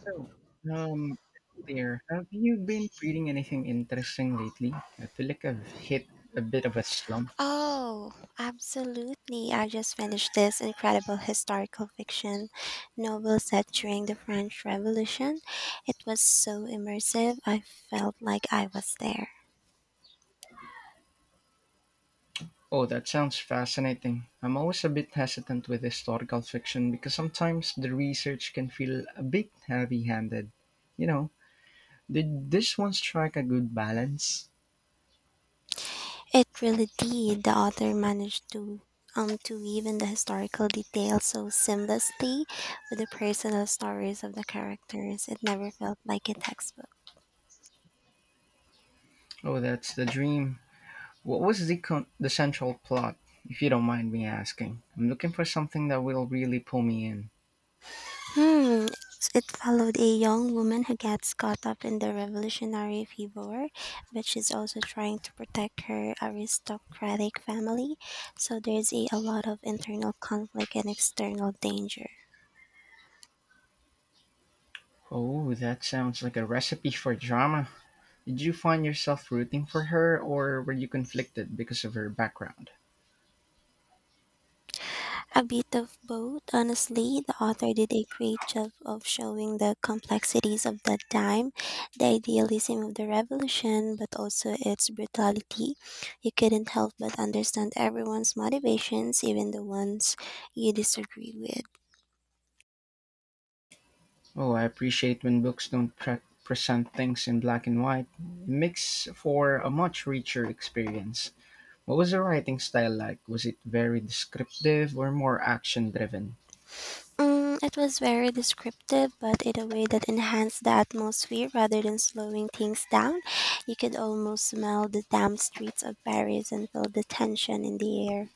So, um, there. Have you been reading anything interesting lately? I feel like I've hit a bit of a slump. Oh, absolutely. I just finished this incredible historical fiction novel set during the French Revolution. It was so immersive, I felt like I was there. Oh, that sounds fascinating. I'm always a bit hesitant with historical fiction because sometimes the research can feel a bit heavy handed. You know, did this one strike a good balance? It really did. The author managed to weave in the historical details so seamlessly with the personal stories of the characters. It never felt like a textbook. Oh, that's the dream. What was the central plot, if you don't mind me asking? I'm looking for something that will really pull me in. Hmm. It followed a young woman who gets caught up in the revolutionary fever, but she's also trying to protect her aristocratic family. So there's a lot of internal conflict and external danger. Oh, that sounds like a recipe for drama. Did you find yourself rooting for her, or were you conflicted because of her background? A bit of both. Honestly, the author did a great job of showing the complexities of that time, the idealism of the revolution, but also its brutality. You couldn't help but understand everyone's motivations, even the ones you disagree with. Oh, I appreciate when books don't present things in black and white. It makes for a much richer experience. What was the writing style like? Was it very descriptive or more action driven? Mm, it was very descriptive, but in a way that enhanced the atmosphere rather than slowing things down. You could almost smell the damp streets of Paris and feel the tension in the air.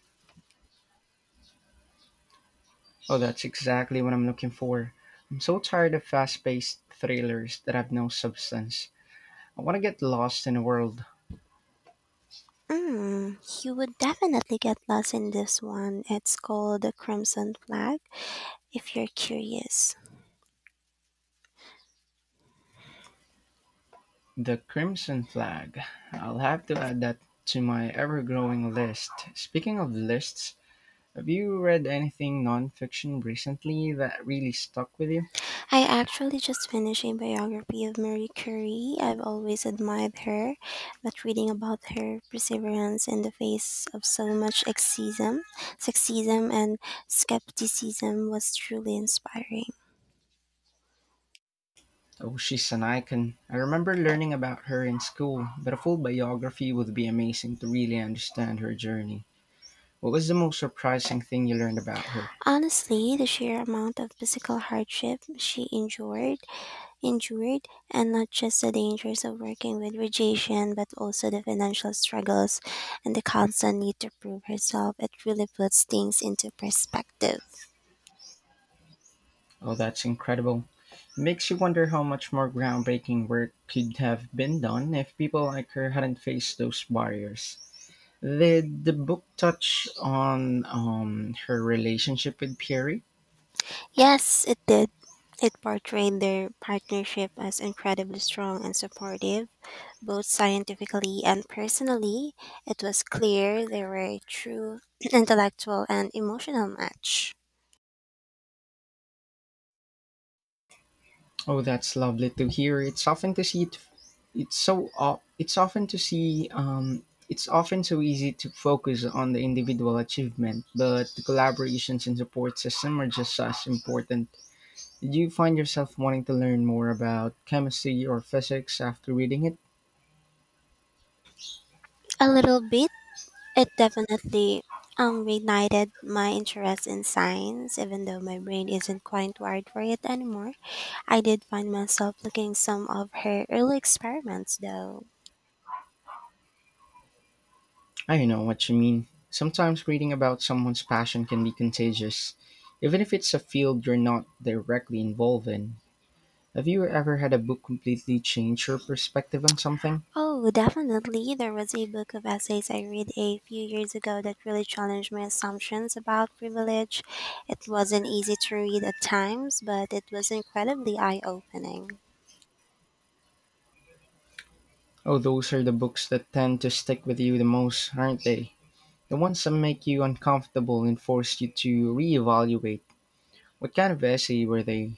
Oh, that's exactly what I'm looking for. I'm so tired of fast paced thrillers that have no substance. I want to get lost in a world. Mm, you would definitely get lost in this one. It's called The Crimson Flag, if you're curious. The crimson flag. I'll have to add that to my ever-growing list. Speaking of lists, have you read anything non-fiction recently that really stuck with you? I actually just finished a biography of Marie Curie. I've always admired her, but reading about her perseverance in the face of so much sexism and skepticism was truly inspiring. Oh, she's an icon. I remember learning about her in school, but a full biography would be amazing to really understand her journey. What was the most surprising thing you learned about her? Honestly, the sheer amount of physical hardship she endured, and not just the dangers of working with rejection, but also the financial struggles and the constant need to prove herself. It really puts things into perspective. Oh, that's incredible. It makes you wonder how much more groundbreaking work could have been done if people like her hadn't faced those barriers. Did the book touch on her relationship with Pierre? Yes, it did. It portrayed their partnership as incredibly strong and supportive, both scientifically and personally. It was clear they were a true intellectual and emotional match. Oh, that's lovely to hear. It's often to see it. It's so. O- It's often to see. It's often so easy to focus on the individual achievement, but the collaborations and support system are just as important. Did you find yourself wanting to learn more about chemistry or physics after reading it? A little bit. It definitely reignited my interest in science, even though my brain isn't quite wired for it anymore. I did find myself looking some of her early experiments, though. I know what you mean. Sometimes reading about someone's passion can be contagious, even if it's a field you're not directly involved in. Have you ever had a book completely change your perspective on something? Oh, definitely. There was a book of essays I read a few years ago that really challenged my assumptions about privilege. It wasn't easy to read at times, but it was incredibly eye opening. Oh, those are the books that tend to stick with you the most, aren't they? The ones that make you uncomfortable and force you to reevaluate. What kind of essay were they?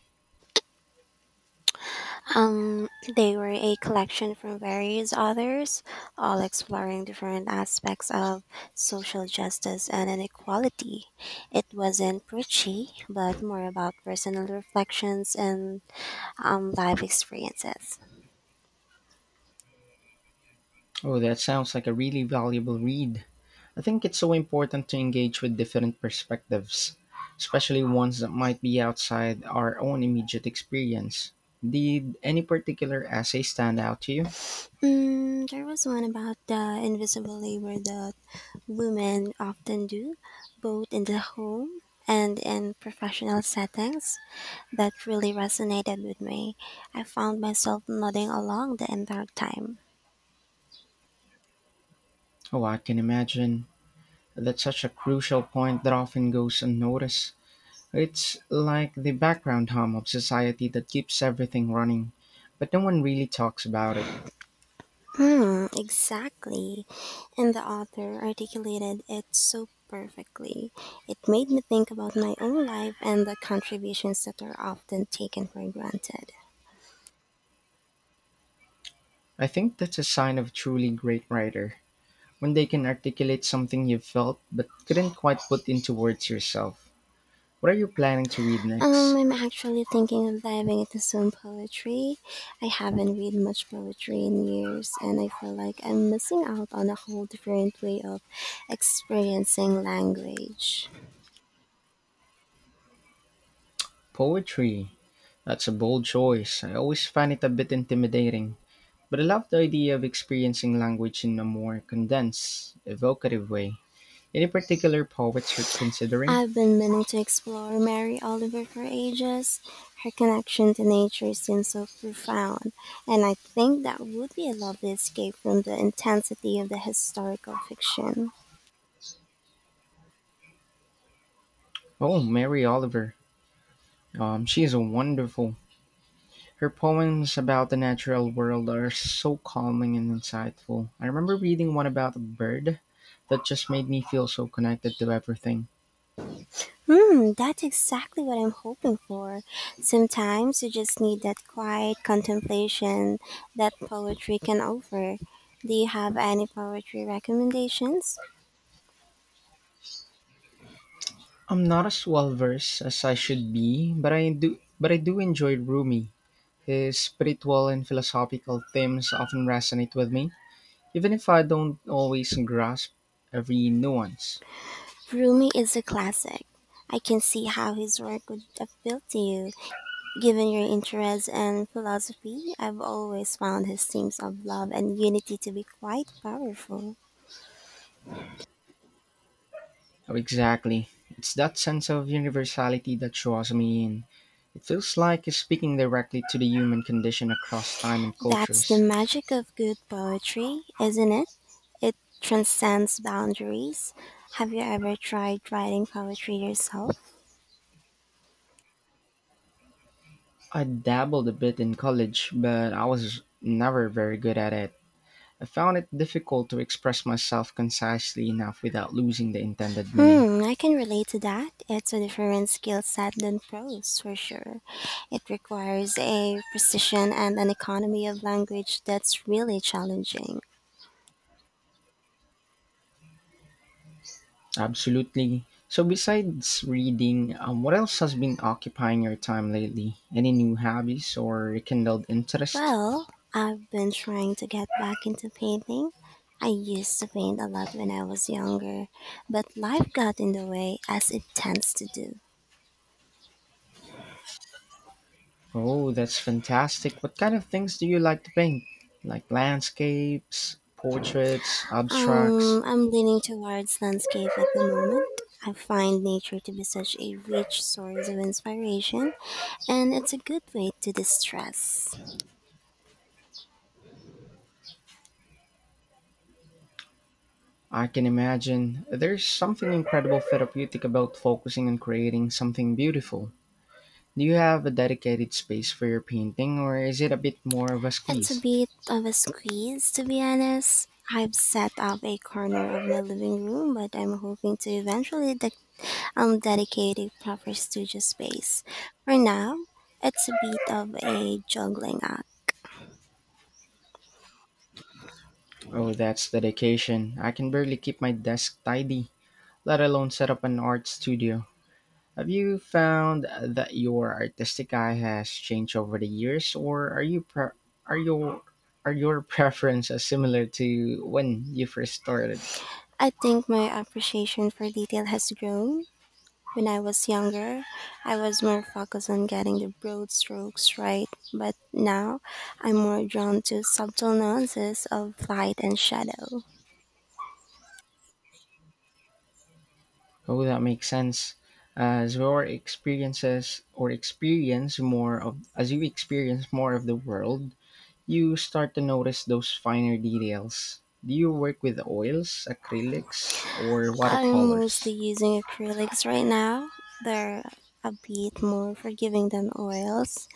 Um, they were a collection from various authors, all exploring different aspects of social justice and inequality. It wasn't preachy, but more about personal reflections and life experiences. Oh, that sounds like a really valuable read. I think it's so important to engage with different perspectives, especially ones that might be outside our own immediate experience. Did any particular essay stand out to you? Mm, there was one about the invisible labor that women often do, both in the home and in professional settings. That really resonated with me. I found myself nodding along the entire time. Oh, I can imagine. That's such a crucial point that often goes unnoticed. It's like the background hum of society that keeps everything running, but no one really talks about it. Hmm, exactly. And the author articulated it so perfectly. It made me think about my own life and the contributions that are often taken for granted. I think that's a sign of a truly great writer, when they can articulate something you felt but couldn't quite put into words yourself. What are you planning to read next? I'm actually thinking of diving into some poetry. I haven't read much poetry in years, and I feel like I'm missing out on a whole different way of experiencing language. Poetry. That's a bold choice. I always find it a bit intimidating, but I love the idea of experiencing language in a more condensed, evocative way. Any particular poets you're considering? I've been meaning to explore Mary Oliver for ages. Her connection to nature seems so profound, and I think that would be a lovely escape from the intensity of the historical fiction. Oh, Mary Oliver. She is wonderful. Her poems about the natural world are so calming and insightful. I remember reading one about a bird that just made me feel so connected to everything. Hmm, that's exactly what I'm hoping for. Sometimes you just need that quiet contemplation that poetry can offer. Do you have any poetry recommendations? I'm not as well versed as I should be, but I do enjoy Rumi. His spiritual and philosophical themes often resonate with me, even if I don't always grasp every nuance. Rumi is a classic. I can see how his work would appeal to you. Given your interests and philosophy, I've always found his themes of love and unity to be quite powerful. Oh, exactly. It's that sense of universality that draws me in. It feels like he's speaking directly to the human condition across time and That's the cultures. magic of good poetry, isn't it? It transcends boundaries. Have you ever tried writing poetry yourself? I dabbled a bit in college, but I was never very good at it. I found it difficult to express myself concisely enough without losing the intended meaning. Hmm, I can relate to that. It's a different skill set than prose, for sure. It requires a precision and an economy of language that's really challenging. Absolutely. So, besides reading, what else has been occupying your time lately? Any new hobbies or rekindled interest? Well, I've been trying to get back into painting. I used to paint a lot when I was younger, but life got in the way as it tends to do. Oh, that's fantastic. What kind of things do you like to paint? Like landscapes, portraits, abstracts? I'm leaning towards landscape at the moment. I find nature to be such a rich source of inspiration, and it's a good way to distress. I can imagine. There's something incredible therapeutic about focusing on creating something beautiful. Do you have a dedicated space for your painting, or is it a bit more of a It's a squeeze? bit of a squeeze, to be honest. I've set up a corner of my living room, but I'm hoping to eventually I'm dedicating proper studio space. For now, it's a bit of a juggling act. Oh, that's dedication. I can barely keep my desk tidy, let alone set up an art studio. Have you found that your artistic eye has changed over the years, or are your are your preferences similar to when you first started? I think my appreciation for detail has grown. When I was younger, I was more focused on getting the broad strokes right, but now I'm more drawn to subtle nuances of light and shadow. Oh, that makes sense. As you experience more of the world, you start to notice those finer details. Do you work with oils, acrylics, or I'm watercolors? mostly using acrylics right now. They're a bit more forgiving than oils,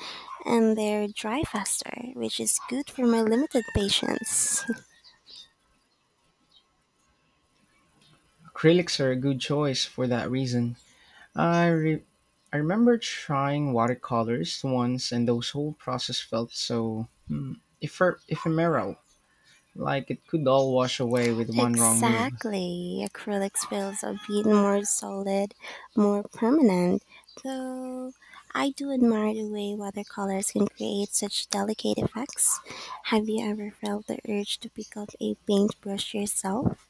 and they're dry faster, which is good for my limited patience. Acrylics are a good choice for that reason. I, re- I remember trying watercolors once, and those whole process felt so ephemeral, like it could all wash away with one wrong move. Exactly. Acrylics feels a bit more solid, more permanent, though I do admire the way watercolors can create such delicate effects. Have you ever felt the urge to pick up a paintbrush yourself?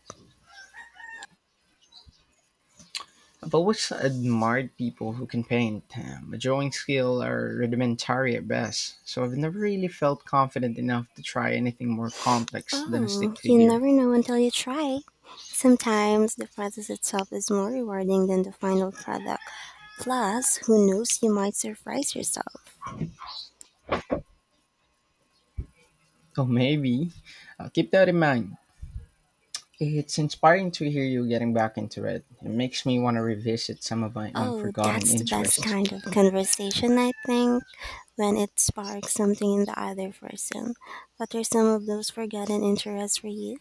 I've always admired people who can paint. My drawing skills are rudimentary at best, so I've never really felt confident enough to try anything more complex than a Oh, stick you figure. never know until you try. Sometimes the process itself is more rewarding than the final product. Plus, who knows, you might surprise yourself. So maybe I'll keep that in mind. It's inspiring to hear you getting back into it. It makes me want to revisit some of my own Oh, forgotten that's the best interests. kind of conversation, I think, when it sparks something in the other person. What are some of those forgotten interests for you?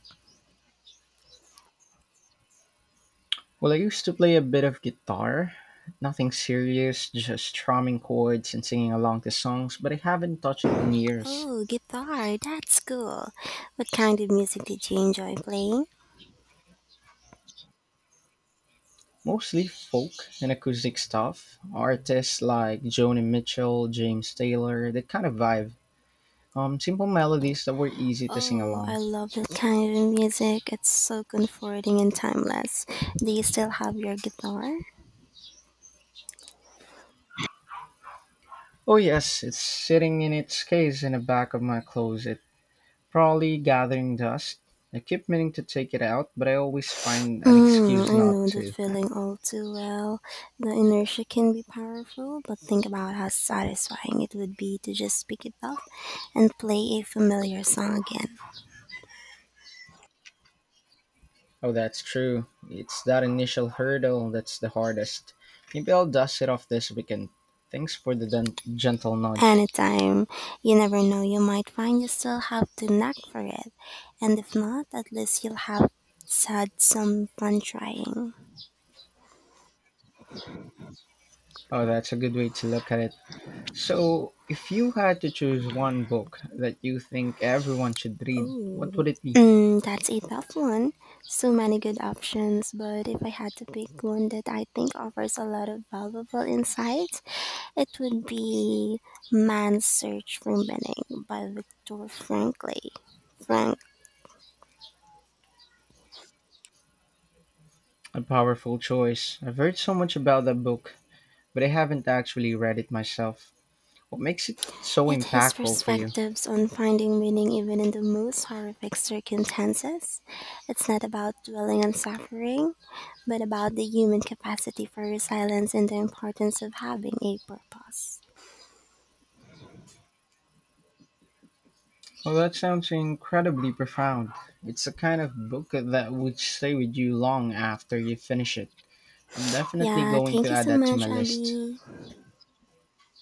Well, I used to play a bit of guitar. Nothing serious, just strumming chords and singing along to songs, but I haven't touched it in years. Oh, guitar, that's cool. What kind of music did you enjoy playing? Mostly folk and acoustic stuff. Artists like Joni Mitchell, James Taylor, that kind of vibe. Simple melodies that were easy to sing Oh, I along. love that kind of music. It's so comforting and timeless. Do you still have your guitar? Oh yes, it's sitting in its case in the back of my closet, probably gathering dust. I keep meaning to take it out, but I always find an Mm, excuse I not know that to. feeling all too well. The inertia can be powerful, but think about how satisfying it would be to just pick it up and play a familiar song again. Oh, that's true. It's that initial hurdle that's the hardest. Maybe I'll dust it off this weekend. Thanks for the gentle nudge. Anytime. You never know, you might find you still have the knack for it. And if not, at least you'll have had some fun trying. Oh, that's a good way to look at it. So, if you had to choose one book that you think everyone should read, what Oh, would it be? mm, that's a tough one. So many good options, but if I had to pick one that I think offers a lot of valuable insights, it would be Man's Search for Meaning by Viktor Frankl. Frank. A powerful choice. I've heard so much about that book, but I haven't actually read it myself. What makes it so It his impactful for you? perspectives on finding meaning even in the most horrific circumstances. It's not about dwelling on suffering, but about the human capacity for resilience and the importance of having a purpose. Well, that sounds incredibly profound. It's the kind of book that would stay with you long after you finish it. I'm definitely Yeah, going to thank you add so that to my much, list. Abby.